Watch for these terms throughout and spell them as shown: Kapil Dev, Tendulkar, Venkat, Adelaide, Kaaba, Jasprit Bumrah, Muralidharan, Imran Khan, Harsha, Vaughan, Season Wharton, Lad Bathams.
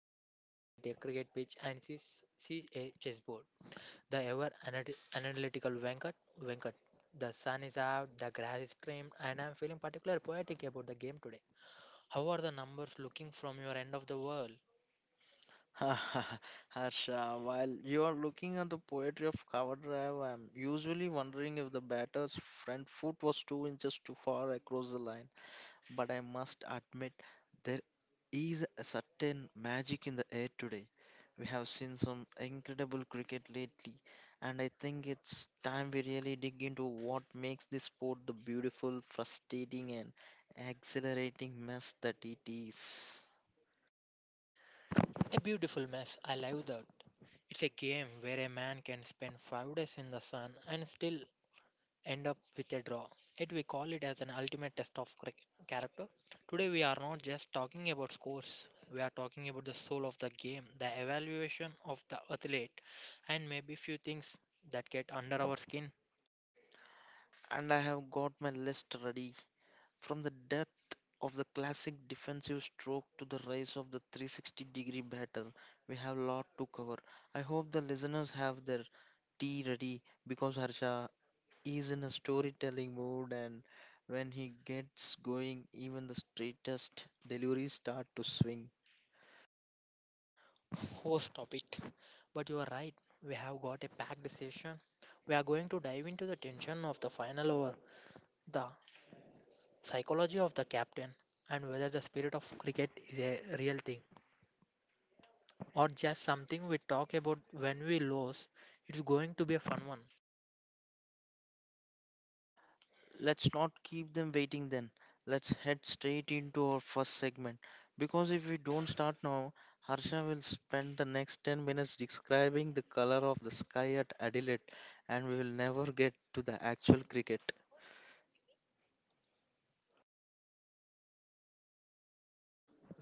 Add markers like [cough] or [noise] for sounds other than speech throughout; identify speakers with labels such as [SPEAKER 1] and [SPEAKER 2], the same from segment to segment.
[SPEAKER 1] man who looks at a cricket pitch and sees a chessboard. The ever analytical Venkat. The sun is out, the grass is trimmed, and I'm feeling particularly poetic about the game today. How are the numbers looking from your end of the world?
[SPEAKER 2] [laughs] Harsha, while you are looking at the poetry of cover drive, I'm usually wondering if the batter's front foot was 2 inches too far across the line. But I must admit, there is a certain magic in the air today. We have seen some incredible cricket lately, and I think it's time we really dig into what makes this sport the beautiful, frustrating, and exhilarating mess that it is.
[SPEAKER 1] A beautiful mess, I love that. It's a game where a man can spend 5 days in the sun and still end up with a draw. Yet we call it as an ultimate test of character. Today we are not just talking about scores, we are talking about the soul of the game, the evaluation of the athlete, and maybe few things that get under our skin.
[SPEAKER 2] And I have got my list ready. From the depth of the classic defensive stroke to the rise of the 360-degree batter, we have a lot to cover. I hope the listeners have their tea ready because Harsha is in a storytelling mood, and when he gets going even the straightest deliveries start to swing.
[SPEAKER 1] Oh, stop it. But you are right, we have got a packed session. We are going to dive into the tension of the final over, the psychology of the captain, and whether the spirit of cricket is a real thing, or just something we talk about when we lose. It's going to be a fun one.
[SPEAKER 2] Let's not keep them waiting then. Let's head straight into our first segment. Because if we don't start now, Harsha will spend the next 10 minutes describing the color of the sky at Adelaide, and we will never get to the actual cricket.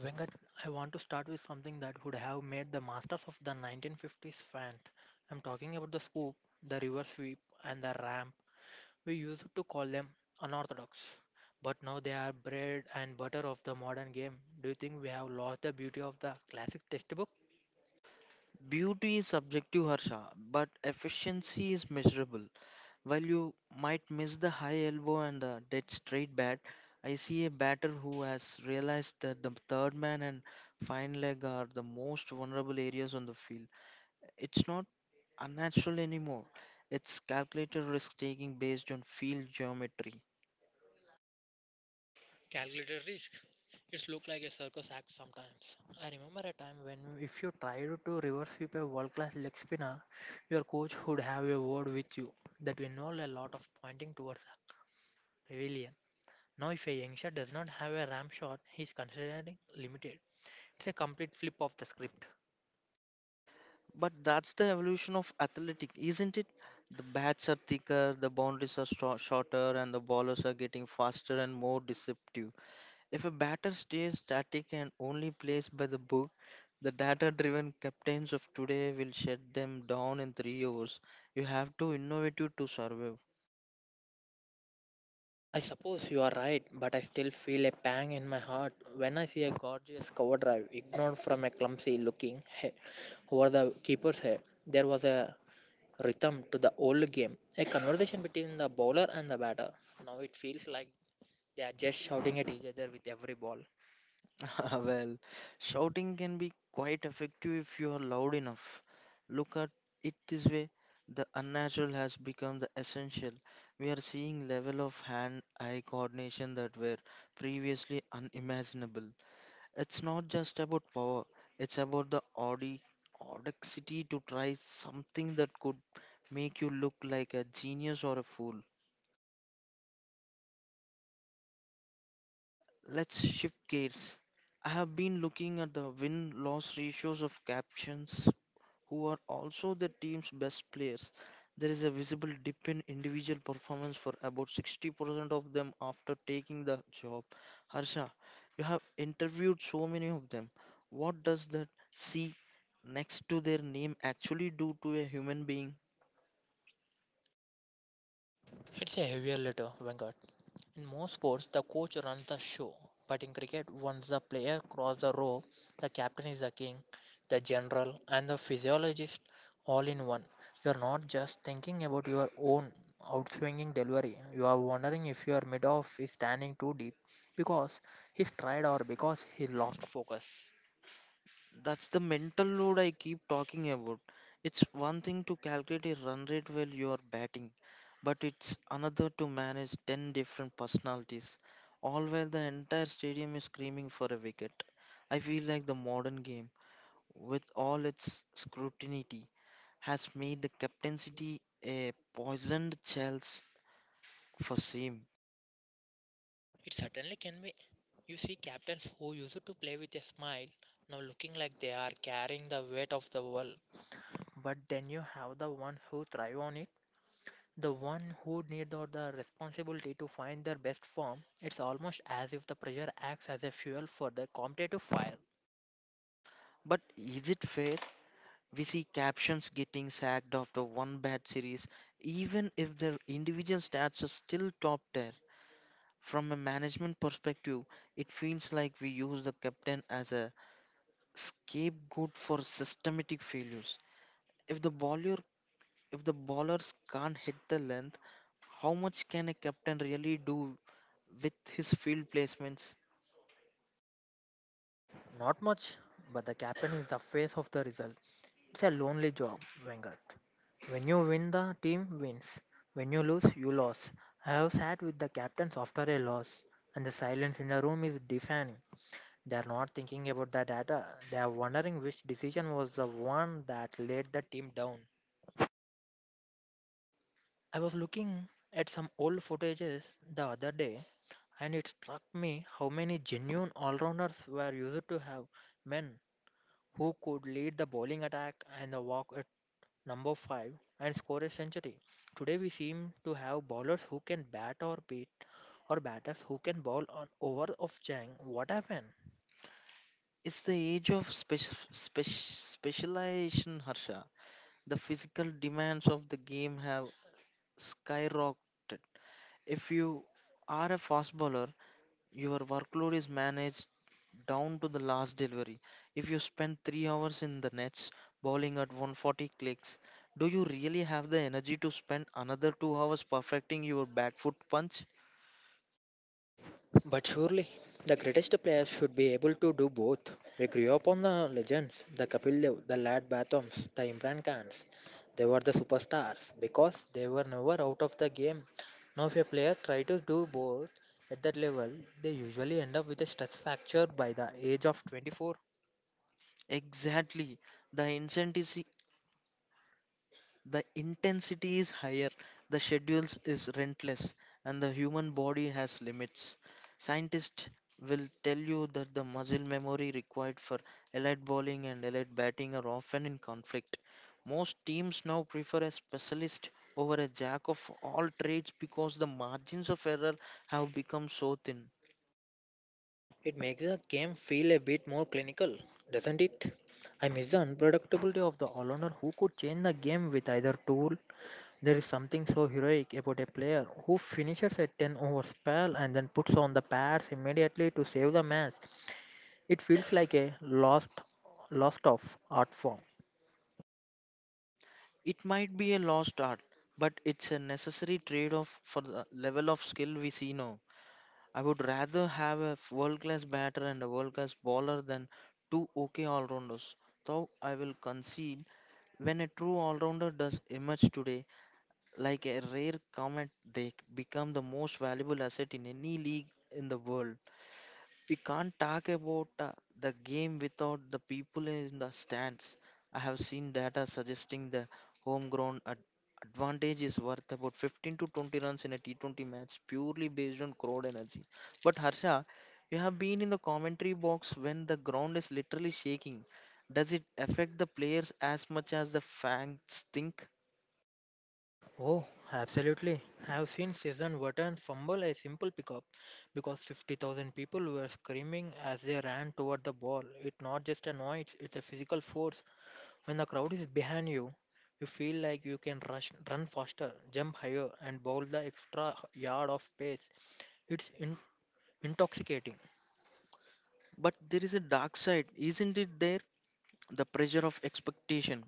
[SPEAKER 1] Venkat, I want to start with something that would have made the masters of the 1950s fan. I'm talking about the scoop, the river sweep, and the ramp. We used to call them unorthodox, but now they are bread and butter of the modern game. Do you think we have lost the beauty of the classic textbook?
[SPEAKER 2] Beauty is subjective, Harsha, but efficiency is measurable. While you might miss the high elbow and the dead straight bat, I see a batter who has realized that the third man and fine leg are the most vulnerable areas on the field. It's not unnatural anymore. It's calculated risk taking based on field geometry.
[SPEAKER 1] Calculated risk. It's look like a circus act sometimes. I remember a time when if you tried to reverse sweep a world-class leg spinner, your coach would have a word with you that we know a lot of pointing towards the pavilion. Now if a youngster does not have a ram shot, he is considered limited. It's a complete flip of the script.
[SPEAKER 2] But that's the evolution of athletic, isn't it? The bats are thicker, the boundaries are shorter, and the ballers are getting faster and more deceptive. If a batter stays static and only plays by the book, the data driven captains of today will shut them down in 3 hours. You have to innovate to survive.
[SPEAKER 1] I suppose you are right, but I still feel a pang in my heart when I see a gorgeous cover drive ignored from a clumsy looking head over the keeper's head. There was a rhythm to the old game, a conversation between the bowler and the batter. Now it feels like they are just shouting at each other with every ball.
[SPEAKER 2] [laughs] Well, shouting can be quite effective if you are loud enough. Look at it this way, the unnatural has become the essential. We are seeing level of hand eye coordination that were previously unimaginable. It's not just about power, it's about the audacity to try something that could make you look like a genius or a fool. Let's shift gears. I have been looking at the win loss ratios of captions who are also the team's best players. There is a visible dip in individual performance for about 60% of them after taking the job. Harsha, you have interviewed so many of them. What does that C next to their name actually do to a human being?
[SPEAKER 1] It's a heavier letter, Venkat. In most sports, the coach runs the show, but in cricket, once the player crosses the rope, the captain is the king, the general, and the physiologist all in one. You are not just thinking about your own outswinging delivery. You are wondering if your mid-off is standing too deep because he's tried or because he lost focus.
[SPEAKER 2] That's the mental load I keep talking about. It's one thing to calculate a run rate while you are batting, but it's another to manage 10 different personalities, all while the entire stadium is screaming for a wicket. I feel like the modern game, with all its scrutiny, has made the captaincy a poisoned chalice for Seam.
[SPEAKER 1] It certainly can be. You see captains who used to play with a smile now looking like they are carrying the weight of the world. But then you have the ones who thrive on it, the one who need the responsibility to find their best form. It's almost as if the pressure acts as a fuel for the competitive fire.
[SPEAKER 2] But is it fair? We see captions getting sacked after one bad series, even if their individual stats are still top tier. From a management perspective, it feels like we use the captain as a scapegoat for systematic failures. If the bowler if the bowlers can't hit the length, how much can a captain really do with his field placements?
[SPEAKER 1] Not much, but the captain is the face of the result. It's a lonely job, Wenger. When you win, the team wins. When you lose, you lose. I have sat with the captains after a loss, and the silence in the room is deafening. They are not thinking about the data. They are wondering which decision was the one that let the team down. I was looking at some old footages the other day, and it struck me how many genuine all rounders were used to have. Men who could lead the bowling attack and the walk at number 5 and score a century. Today we seem to have bowlers who can bat or beat or batters who can bowl on over of Chang. What happened?
[SPEAKER 2] It's the age of specialization, Harsha. The physical demands of the game have skyrocketed. If you are a fast bowler, your workload is managed down to the last delivery. If you spend 3 hours in the nets bowling at 140 clicks, do you really have the energy to spend another 2 hours perfecting your back foot punch?
[SPEAKER 1] But surely the greatest players should be able to do both. We grew up on the legends, the Kapil Dev, the Lad Bathams, the Imran Khans. They were the superstars because they were never out of the game. Now, if a player tries to do both at that level, they usually end up with a stress fracture by the age of 24.
[SPEAKER 2] Exactly. The incentive The intensity is higher, the schedules is relentless, and the human body has limits. Scientists will tell you that the muscle memory required for elite bowling and elite batting are often in conflict. Most teams now prefer a specialist over a jack of all trades because the margins of error have become so thin.
[SPEAKER 1] It makes the game feel a bit more clinical, doesn't it? I miss the unpredictability of the all-rounder who could change the game with either tool. There is something so heroic about a player who finishes a 10 over spell and then puts on the pads immediately to save the match. It feels like a lost of art form.
[SPEAKER 2] It might be a lost art, but it's a necessary trade off for the level of skill we see now. I would rather have a world class batter and a world class bowler than two okay all rounders. Though I will concede when a true all rounder does emerge today, like a rare comet, they become the most valuable asset in any league in the world. We can't talk about the game without the people in the stands. I have seen data suggesting the homegrown advantage is worth about 15 to 20 runs in a T20 match purely based on crowd energy. But Harsha, you have been in the commentary box when the ground is literally shaking. Does it affect the players as much as the fans think?
[SPEAKER 1] Oh, absolutely. I've seen Season Wharton fumble a simple pickup because 50,000 people were screaming as they ran toward the ball. It's not just a noise, it's a physical force. When the crowd is behind you, you feel like you can rush, run faster, jump higher, and bowl the extra yard of pace. It's intoxicating.
[SPEAKER 2] But there is a dark side, isn't it there? The pressure of expectation.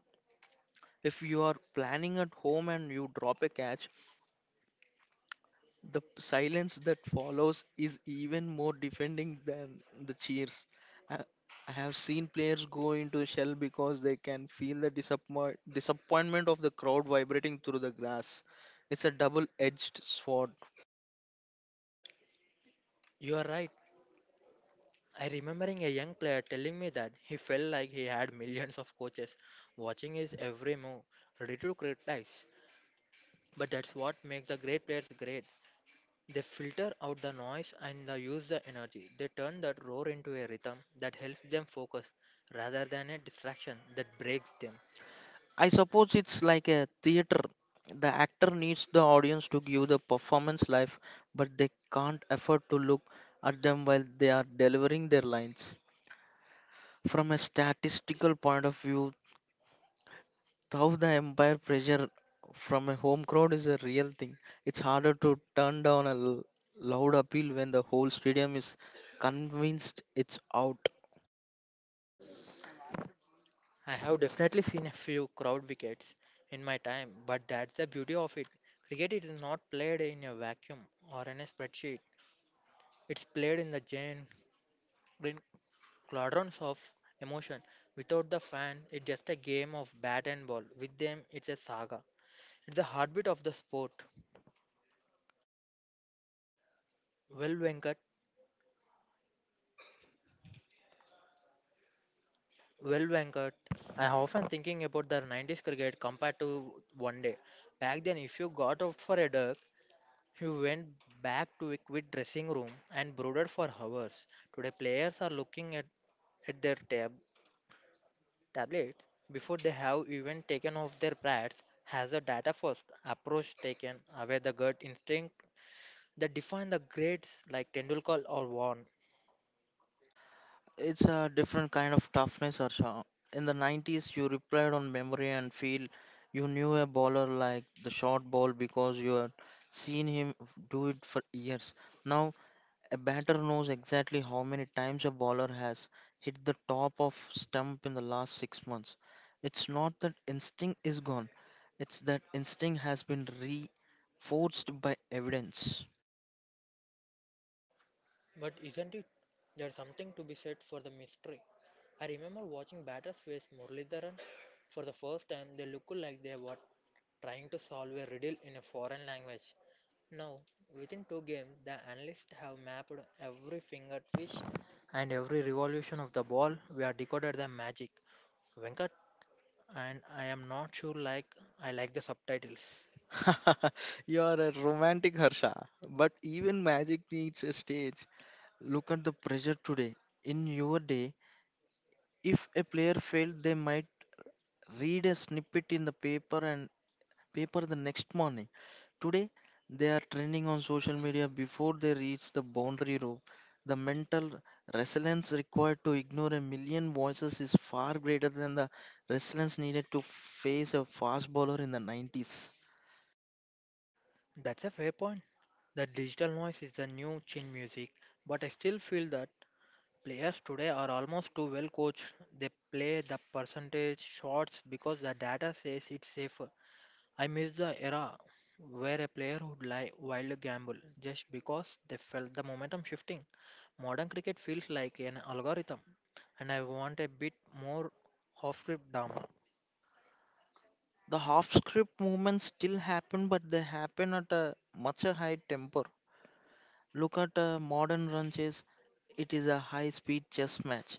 [SPEAKER 2] If you are planning at home and you drop a catch, the silence that follows is even more defending than the cheers. I, I have seen players go into a shell because they can feel the disappointment of the crowd vibrating through the glass. It's a double edged sword.
[SPEAKER 1] You are right. I remembering a young player telling me that he felt like he had [laughs] millions of coaches watching his every move, ready to criticize. But that's what makes the great players great. They filter out the noise and they use the energy. They turn that roar into a rhythm that helps them focus rather than a distraction that breaks them.
[SPEAKER 2] I suppose it's like a theater. The actor needs the audience to give the performance life, but they can't afford to look at them while they are delivering their lines. From a statistical point of view, how the empire pressure from a home crowd is a real thing. It's harder to turn down a loud appeal when the whole stadium is convinced it's out.
[SPEAKER 1] I have definitely seen a few crowd wickets in my time, but that's the beauty of it. Cricket is not played in a vacuum or in a spreadsheet. It's played in the Jane in cauldrons of emotion. Without the fan, it's just a game of bat and ball. With them, it's a saga. It's the heartbeat of the sport. Well, Venkat, well, Venkat. I'm often thinking about the 90s cricket compared to one day. Back then, if you got out for a duck, you went back to a quiet dressing room and brooded for hours. Today, players are looking at their Tablets, before they have even taken off their pads, has a data first approach taken away the gut instinct that define the grades like Tendulkar or Vaughan.
[SPEAKER 2] It's a different kind of toughness, Arsha. In the 90s, you replied on memory and feel, you knew a bowler like the short ball because you had seen him do it for years. Now a batter knows exactly how many times a bowler has hit the top of stump in the last 6 months. It's not that instinct is gone, it's that instinct has been reinforced by evidence.
[SPEAKER 1] But isn't it there's something to be said for the mystery? I remember watching batters face Muralidharan for the first time. They looked like they were trying to solve a riddle in a foreign language. Now, within two games, the analysts have mapped every finger twitch and every revolution of the ball. We have decoded the magic. Venkat, and I am not sure like I like the subtitles.
[SPEAKER 2] [laughs] you are a romantic Harsha, but even magic needs a stage. Look at the pressure today. In your day, if a player failed, they might read a snippet in the paper and paper the next morning. Today, they are trending on social media before they reach the boundary rope. The mental resilience required to ignore a million voices is far greater than the resilience needed to face a fast bowler in the 90s.
[SPEAKER 1] That's a fair point. The digital noise is the new chin music, but I still feel that players today are almost too well coached. They play the percentage shots because the data says it's safer. I miss the era where a player would lie wild gamble just because they felt the momentum shifting. Modern cricket feels like an algorithm, and I want a bit more off-script drama.
[SPEAKER 2] The half script movements still happen, but they happen at a much a high tempo. Look at a modern run chase, it is a high speed chess match.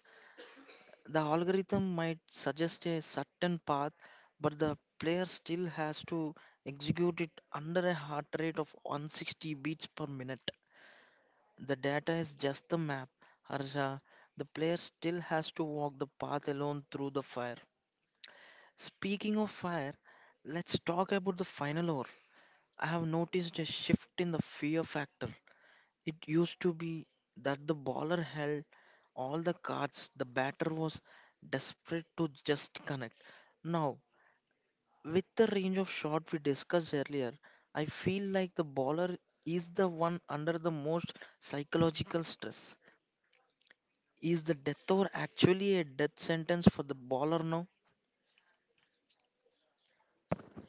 [SPEAKER 2] The algorithm might suggest a certain path, but the player still has to execute it under a heart rate of 160 beats per minute. The data is just the map, Harsha. The player still has to walk the path alone through the fire. Speaking of fire, let's talk about the final hour. I have noticed a shift in the fear factor. It used to be that the bowler held all the cards, the batter was desperate to just connect. Now, with the range of shot we discussed earlier, I feel like the bowler is the one under the most psychological stress. Is the death over actually a death sentence for the bowler now?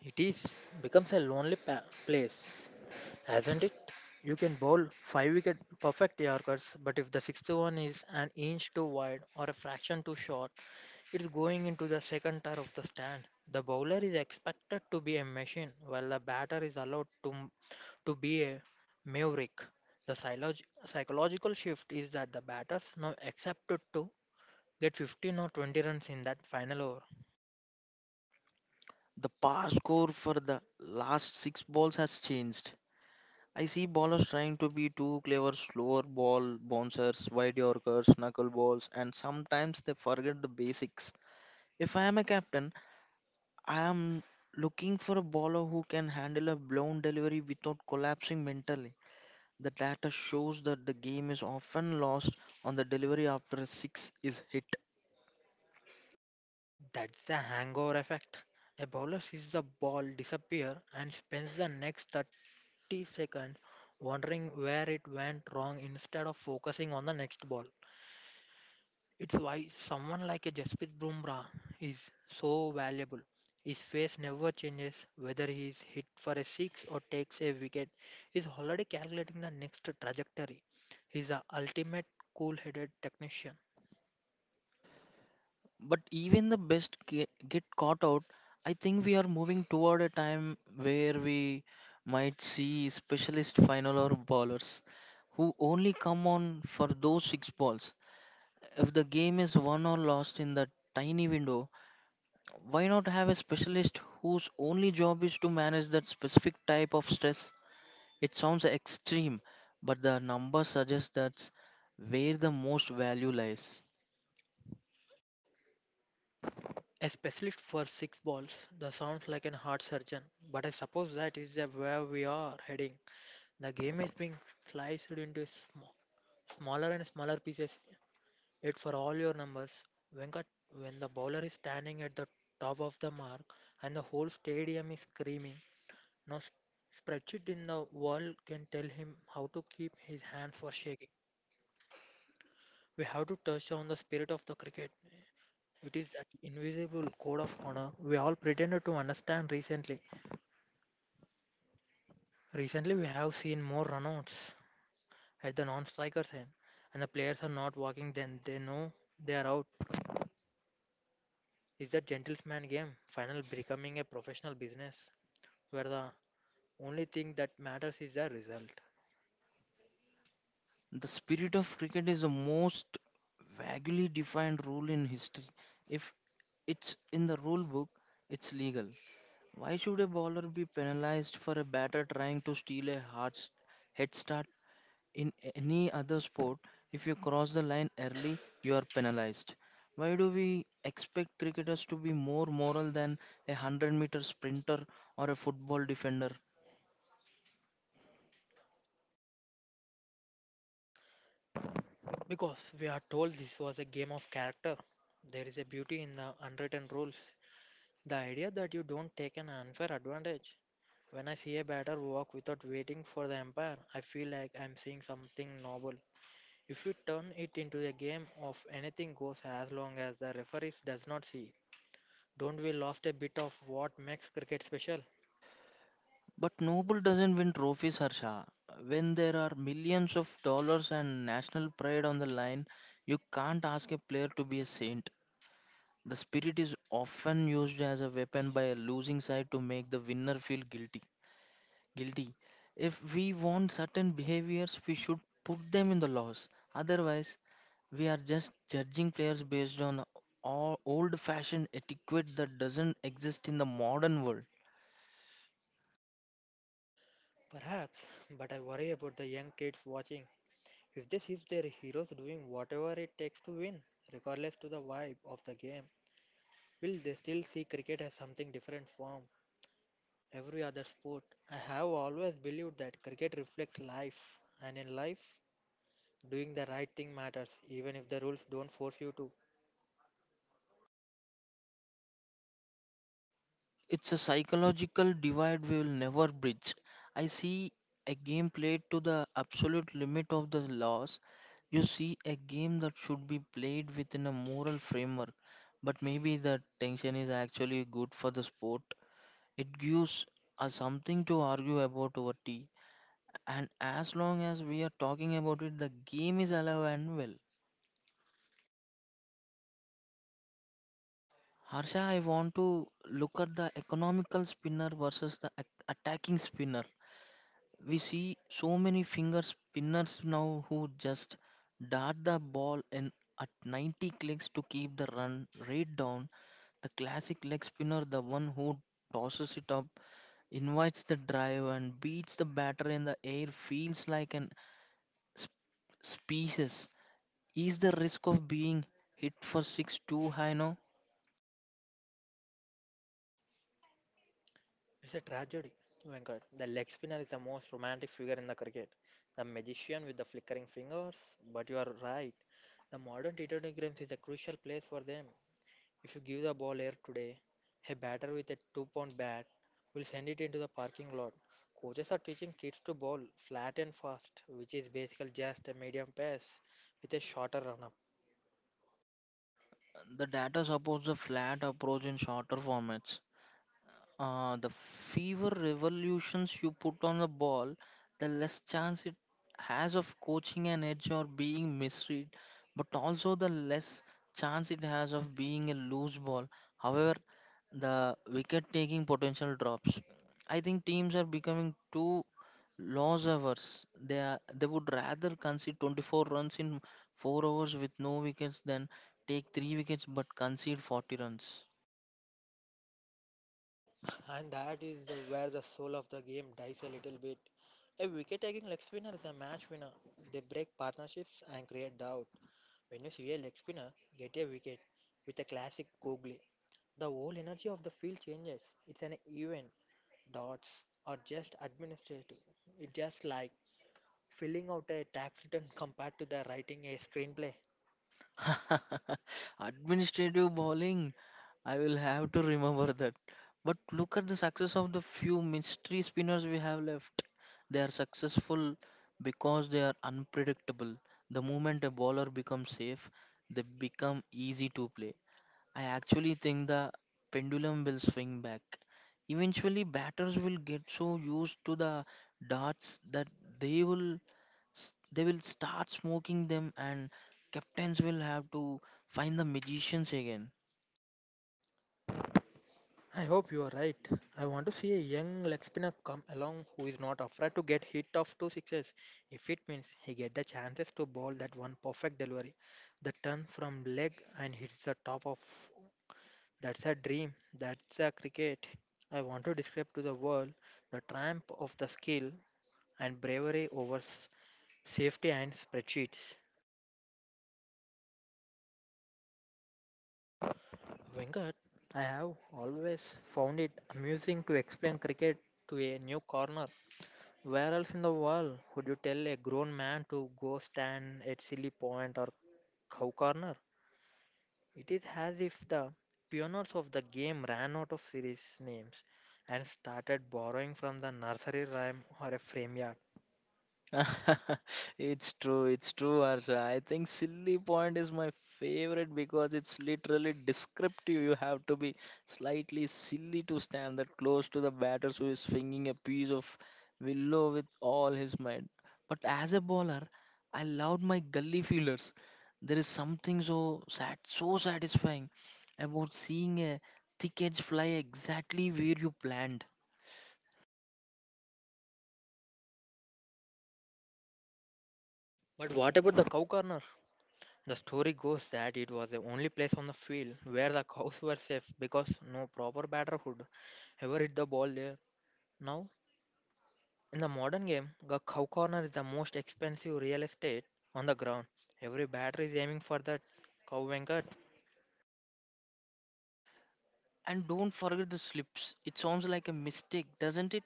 [SPEAKER 1] It is becomes a lonely place, hasn't it? You can bowl five wicket perfect Yorkers, but if the sixth one is an inch too wide or a fraction too short, it's going into the second tier of the stand. The bowler is expected to be a machine, while the batter is allowed to to be a maverick. The psychological shift is that the batters now accepted to get 15 or 20 runs in that final over.
[SPEAKER 2] The par score for the last six balls has changed. I see ballers trying to be too clever, slower ball bouncers, wide yorkers, knuckleballs, and sometimes they forget the basics. If I am a captain, I am looking for a bowler who can handle a blown delivery without collapsing mentally. The data shows that the game is often lost on the delivery after a six is hit.
[SPEAKER 1] That's the hangover effect. A bowler sees the ball disappear and spends the next 30 seconds wondering where it went wrong instead of focusing on the next ball. It's why someone like a Jasprit Bumrah is so valuable. His face never changes whether he is hit for a six or takes a wicket. He's already calculating the next trajectory. He's the ultimate cool-headed technician.
[SPEAKER 2] But even the best get caught out. I think we are moving toward a time where we might see specialist final or bowlers who only come on for those six balls. If the game is won or lost in that tiny window, why not have a specialist whose only job is to manage that specific type of stress? It sounds extreme, but the numbers suggest that's where the most value lies.
[SPEAKER 1] A specialist for six balls. That sounds like a heart surgeon, but I suppose that is the where we are heading. The game is being sliced into smaller and smaller pieces. It for all your numbers. Venkat, when the bowler is standing at the top of the mark and the whole stadium is screaming, no spreadsheet in the world can tell him how to keep his hands for shaking. We have to touch on the spirit of the cricket. It is that invisible code of honor we all pretended to understand recently. Recently, we have seen more runouts at the non-strikers end, and the players are not walking. Then they know they are out. Is that gentleman game finally becoming a professional business where the only thing that matters is the result?
[SPEAKER 2] The spirit of cricket is the most vaguely defined rule in history. If it's in the rule book, it's legal. Why should a bowler be penalized for a batter trying to steal a hard head start in any other sport? If you cross the line early, you are penalized. Why do we expect cricketers to be more moral than a 100-meter sprinter or a football defender?
[SPEAKER 1] Because we are told this was a game of character. There is a beauty in the unwritten rules. The idea that you don't take an unfair advantage. When I see a batter walk without waiting for the umpire, I feel like I'm seeing something novel. If you turn it into a game of anything goes as long as the referees does not see, don't we lost a bit of what makes cricket special?
[SPEAKER 2] But Noble doesn't win trophies, Harsha. When there are millions of dollars and national pride on the line, you can't ask a player to be a saint. The spirit is often used as a weapon by a losing side to make the winner feel guilty. Guilty. If we want certain behaviors, we should put them in the laws. Otherwise, we are just judging players based on old fashioned etiquette that doesn't exist in the modern world.
[SPEAKER 1] Perhaps, but I worry about the young kids watching. If they see their heroes doing whatever it takes to win, regardless to the vibe of the game, will they still see cricket as something different form every other sport. I have always believed that cricket reflects life, and in life, doing the right thing matters, even if the rules don't force you to.
[SPEAKER 2] It's a psychological divide we will never bridge. I see a game played to the absolute limit of the laws. You see a game that should be played within a moral framework, but maybe that tension is actually good for the sport. It gives us something to argue about over tea, and as long as we are talking about it, the game is alive and well. Harsha, I want to look at the economical spinner versus the attacking spinner. We see so many finger spinners now who just dart the ball in at 90 clicks to keep the run rate down. The classic leg spinner, the one who tosses it up, invites the drive and beats the batter in the air, feels like an sp- species. Is the risk of being hit for six too high now?
[SPEAKER 1] It's a tragedy. Venkat, the leg spinner is the most romantic figure in the cricket, the magician with the flickering fingers. But you are right, the modern T20 games is a crucial place for them. If you give the ball air today, a batter with a 2 pound bat will send it into the parking lot. Coaches are teaching kids to bowl flat and fast, which is basically just a medium pace with a shorter run up.
[SPEAKER 2] The data supports the flat approach in shorter formats. The fewer revolutions you put on a ball, the less chance it has of coaching an edge or being misread, but also the less chance it has of being a loose ball. However, the wicket taking potential drops. I think teams are becoming too loss averse. They would rather concede 24 runs in 4 overs with no wickets than take 3 wickets but concede 40 runs.
[SPEAKER 1] And that is where the soul of the game dies a little bit. A wicket taking leg spinner is a match winner. They break partnerships and create doubt. When you see a leg spinner get a wicket with a classic googly, the whole energy of the field changes. It's an event. Dots are just administrative. It's just like filling out a tax return compared to the writing a screenplay.
[SPEAKER 2] [laughs] Administrative bowling, I will have to remember that. But look at the success of the few mystery spinners we have left. They are successful because they are unpredictable. The moment a bowler becomes safe, they become easy to play. I actually think the pendulum will swing back. Eventually, batters will get so used to the darts that they will they will start smoking them and captains will have to find the magicians again.
[SPEAKER 1] I hope you are right. I want to see a young leg spinner come along who is not afraid to get hit of two sixes if it means he get the chances to bowl that one perfect delivery that turns from leg and hits the top of. That's a dream. That's a cricket. I want to describe to the world the triumph of the skill and bravery over safety and spreadsheets. Venkat, I have always found it amusing to explain cricket to a new corner. Where else in the world would you tell a grown man to go stand at silly point or cow corner? It is as if the pioneers of the game ran out of series names and started borrowing from the nursery rhyme or a frame yard.
[SPEAKER 2] [laughs] It's true, Harsha. I think silly point is my favorite because it's literally descriptive. You have to be slightly silly to stand that close to the batter who is swinging a piece of willow with all his might. But as a bowler, I loved my gully feelers. There is something so sad, so satisfying about seeing a thick edge fly exactly where you planned.
[SPEAKER 1] But what about the cow corner? The story goes that it was the only place on the field where the cows were safe because no proper batter could ever hit the ball there. Now in the modern game, the cow corner is the most expensive real estate on the ground. Every batter is aiming for that cow, Venkat.
[SPEAKER 2] And don't forget the slips. It sounds like a mistake, doesn't it?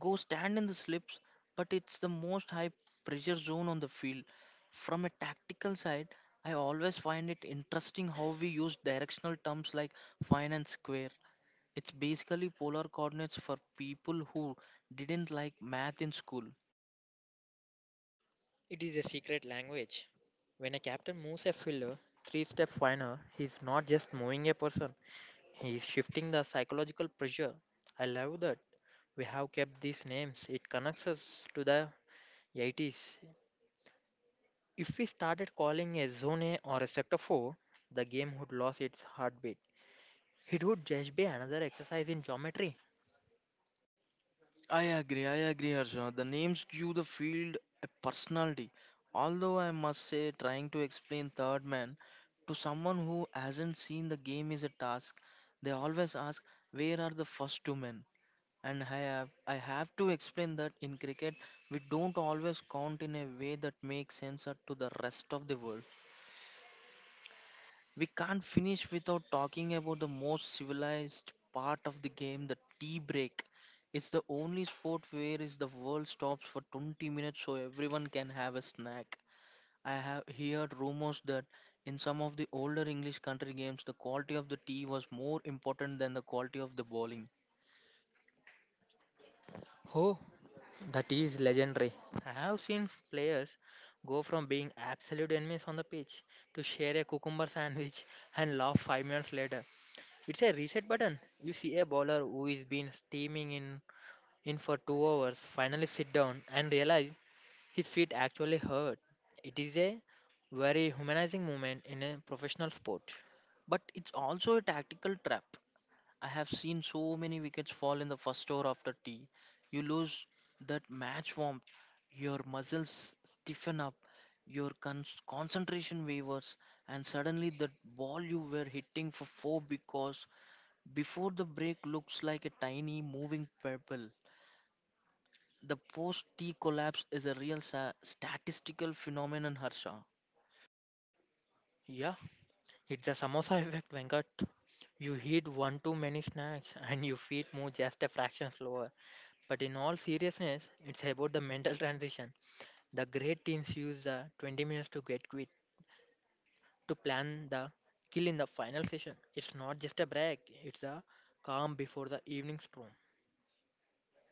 [SPEAKER 2] Go stand in the slips, but it's the most high pressure zone on the field. From a tactical side, I always find it interesting how we use directional terms like fine and square. It's basically polar coordinates for people who didn't like math in school.
[SPEAKER 1] It is a secret language. When a captain moves a fielder three steps finer, he is not just moving a person, he is shifting the psychological pressure. I love that. We have kept these names. It connects us to the 80s. If we started calling a zone A or a sector 4, the game would lose its heartbeat. It would just be another exercise in geometry.
[SPEAKER 2] I agree, Harsha. The names give the field a personality. Although I must say, trying to explain Third Man to someone who hasn't seen the game is a task. They always ask, "Where are the first two men?" And I have to explain that in cricket, we don't always count in a way that makes sense to the rest of the world. We can't finish without talking about the most civilized part of the game, the tea break. It's the only sport where is the world stops for 20 minutes so everyone can have a snack. I have heard rumors that in some of the older English country games, the quality of the tea was more important than the quality of the bowling.
[SPEAKER 1] Oh, that is legendary. I have seen players go from being absolute enemies on the pitch to share a cucumber sandwich [laughs] and laugh 5 minutes later. It's a reset button. You see a bowler who is been steaming in for 2 hours finally sit down and realize his feet actually hurt. It is a very humanizing moment in a professional sport.
[SPEAKER 2] But it's also a tactical trap. I have seen so many wickets fall in the first over after tea. You lose that match warmth, your muscles stiffen up, your concentration wavers, and suddenly that ball you were hitting for four because before the break looks like a tiny moving pebble. The post tea collapse is a real statistical phenomenon, Harsha.
[SPEAKER 1] Yeah, it's the samosa effect, Venkat. You eat one too many snacks and your feet move just a fraction slower. But in all seriousness, it's about the mental transition. The great teams use the 20 minutes to get quit, to plan the kill in the final session. It's not just a break, it's a calm before the evening storm.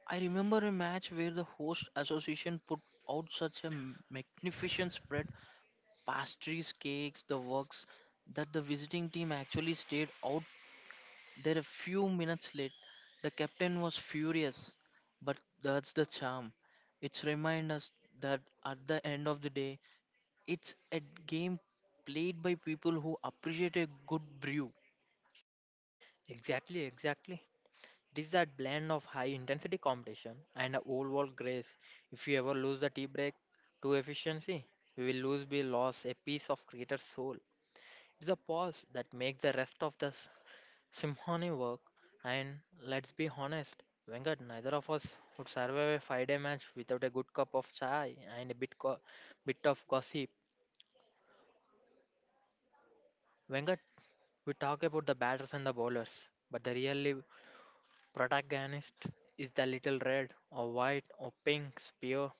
[SPEAKER 2] I remember a match where the host association put out such a magnificent spread pastries, cakes, the works that the visiting team actually stayed out there a few minutes late. The captain was furious, but that's the charm. It's remind us that at the end of the day, it's a game played by people who appreciate a good brew.
[SPEAKER 1] Exactly, exactly. It is that blend of high intensity competition and a old world grace. If you ever lose the tea break to efficiency, you will lose be lost a piece of creator's soul. It's a pause that makes the rest of the symphony work, and let's be honest, Venkat, neither of us would survive a five-day match without a good cup of chai and a bit of gossip. Venkat, we talk about the batters and the bowlers, but the really protagonist is the little red or white or pink spear.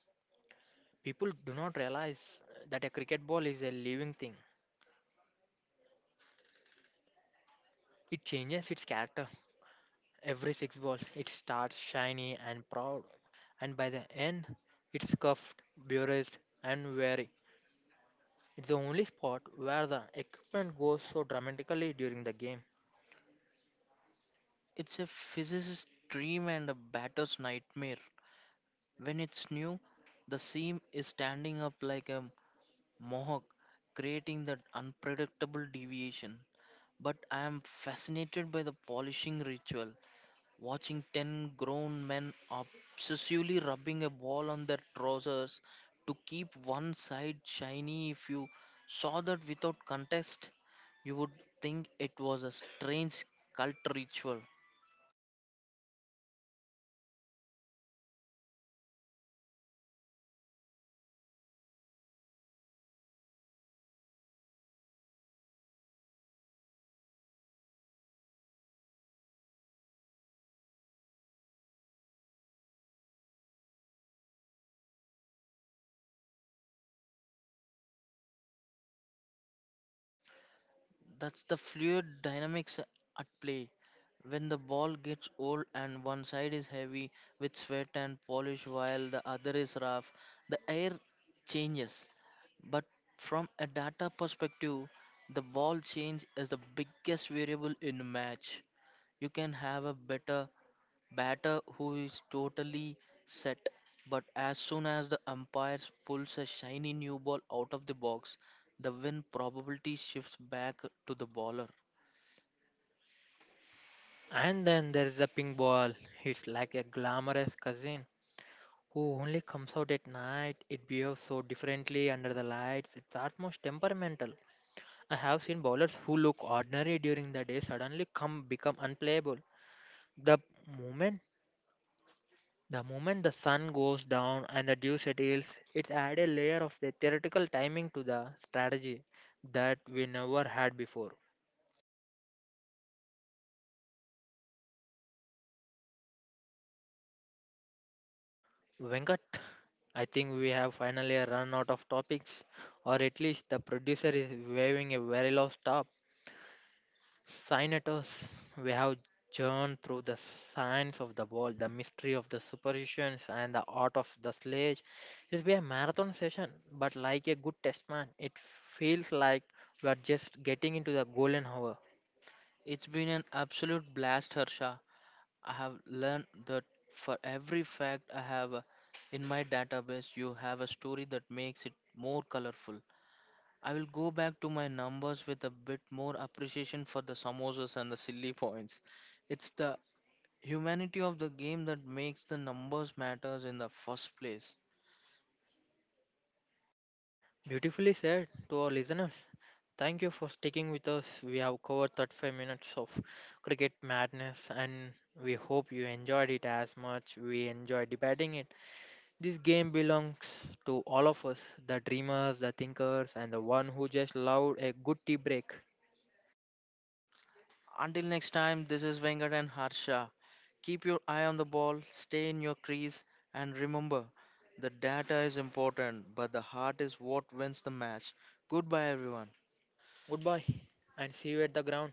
[SPEAKER 1] People do not realize that a cricket ball is a living thing. It changes its character every six balls. It starts shiny and proud, and by the end, it's cuffed, burnished, and weary. It's the only spot where the equipment goes so dramatically during the game.
[SPEAKER 2] It's a physicist's dream and a batter's nightmare. When it's new, the seam is standing up like a mohawk, creating that unpredictable deviation. But I am fascinated by the polishing ritual. Watching 10 grown men obsessively rubbing a ball on their trousers to keep one side shiny, if you saw that without contest, you would think it was a strange cult ritual. That's the fluid dynamics at play. When the ball gets old and one side is heavy with sweat and polish while the other is rough, the air changes. But from a data perspective, the ball change is the biggest variable in a match. You can have a better batter who is totally set. But as soon as the umpire pulls a shiny new ball out of the box, the win probability shifts back to the bowler.
[SPEAKER 1] And then there's the ping ball. It's like a glamorous cousin who only comes out at night. It behaves so differently under the lights. It's almost temperamental. I have seen bowlers who look ordinary during the day suddenly come become unplayable. The moment The moment the sun goes down and the dew settles, it's added a layer of the theoretical timing to the strategy that we never had before. Venkat, I think we have finally run out of topics, or at least the producer is waving a very low stop. Cynetors, we have journeyed through the science of the world, the mystery of the superstitions, and the art of the sledge. It'll be a marathon session, but like a good test man, it feels like we are just getting into the golden hour.
[SPEAKER 2] It's been an absolute blast, Harsha. I have learned that for every fact I have in my database, you have a story that makes it more colorful. I will go back to my numbers with a bit more appreciation for the samosas and the silly points. It's the humanity of the game that makes the numbers matters in the first place.
[SPEAKER 1] Beautifully said to our listeners. Thank you for sticking with us. We have covered 35 minutes of cricket madness, and we hope you enjoyed it as much we enjoyed debating it. This game belongs to all of us the dreamers, the thinkers, and the one who just loved a good tea break.
[SPEAKER 2] Until next time, this is Venkat and Harsha. Keep your eye on the ball, stay in your crease, and remember the data is important, but the heart is what wins the match. Goodbye, everyone.
[SPEAKER 1] Goodbye, and see you at the ground.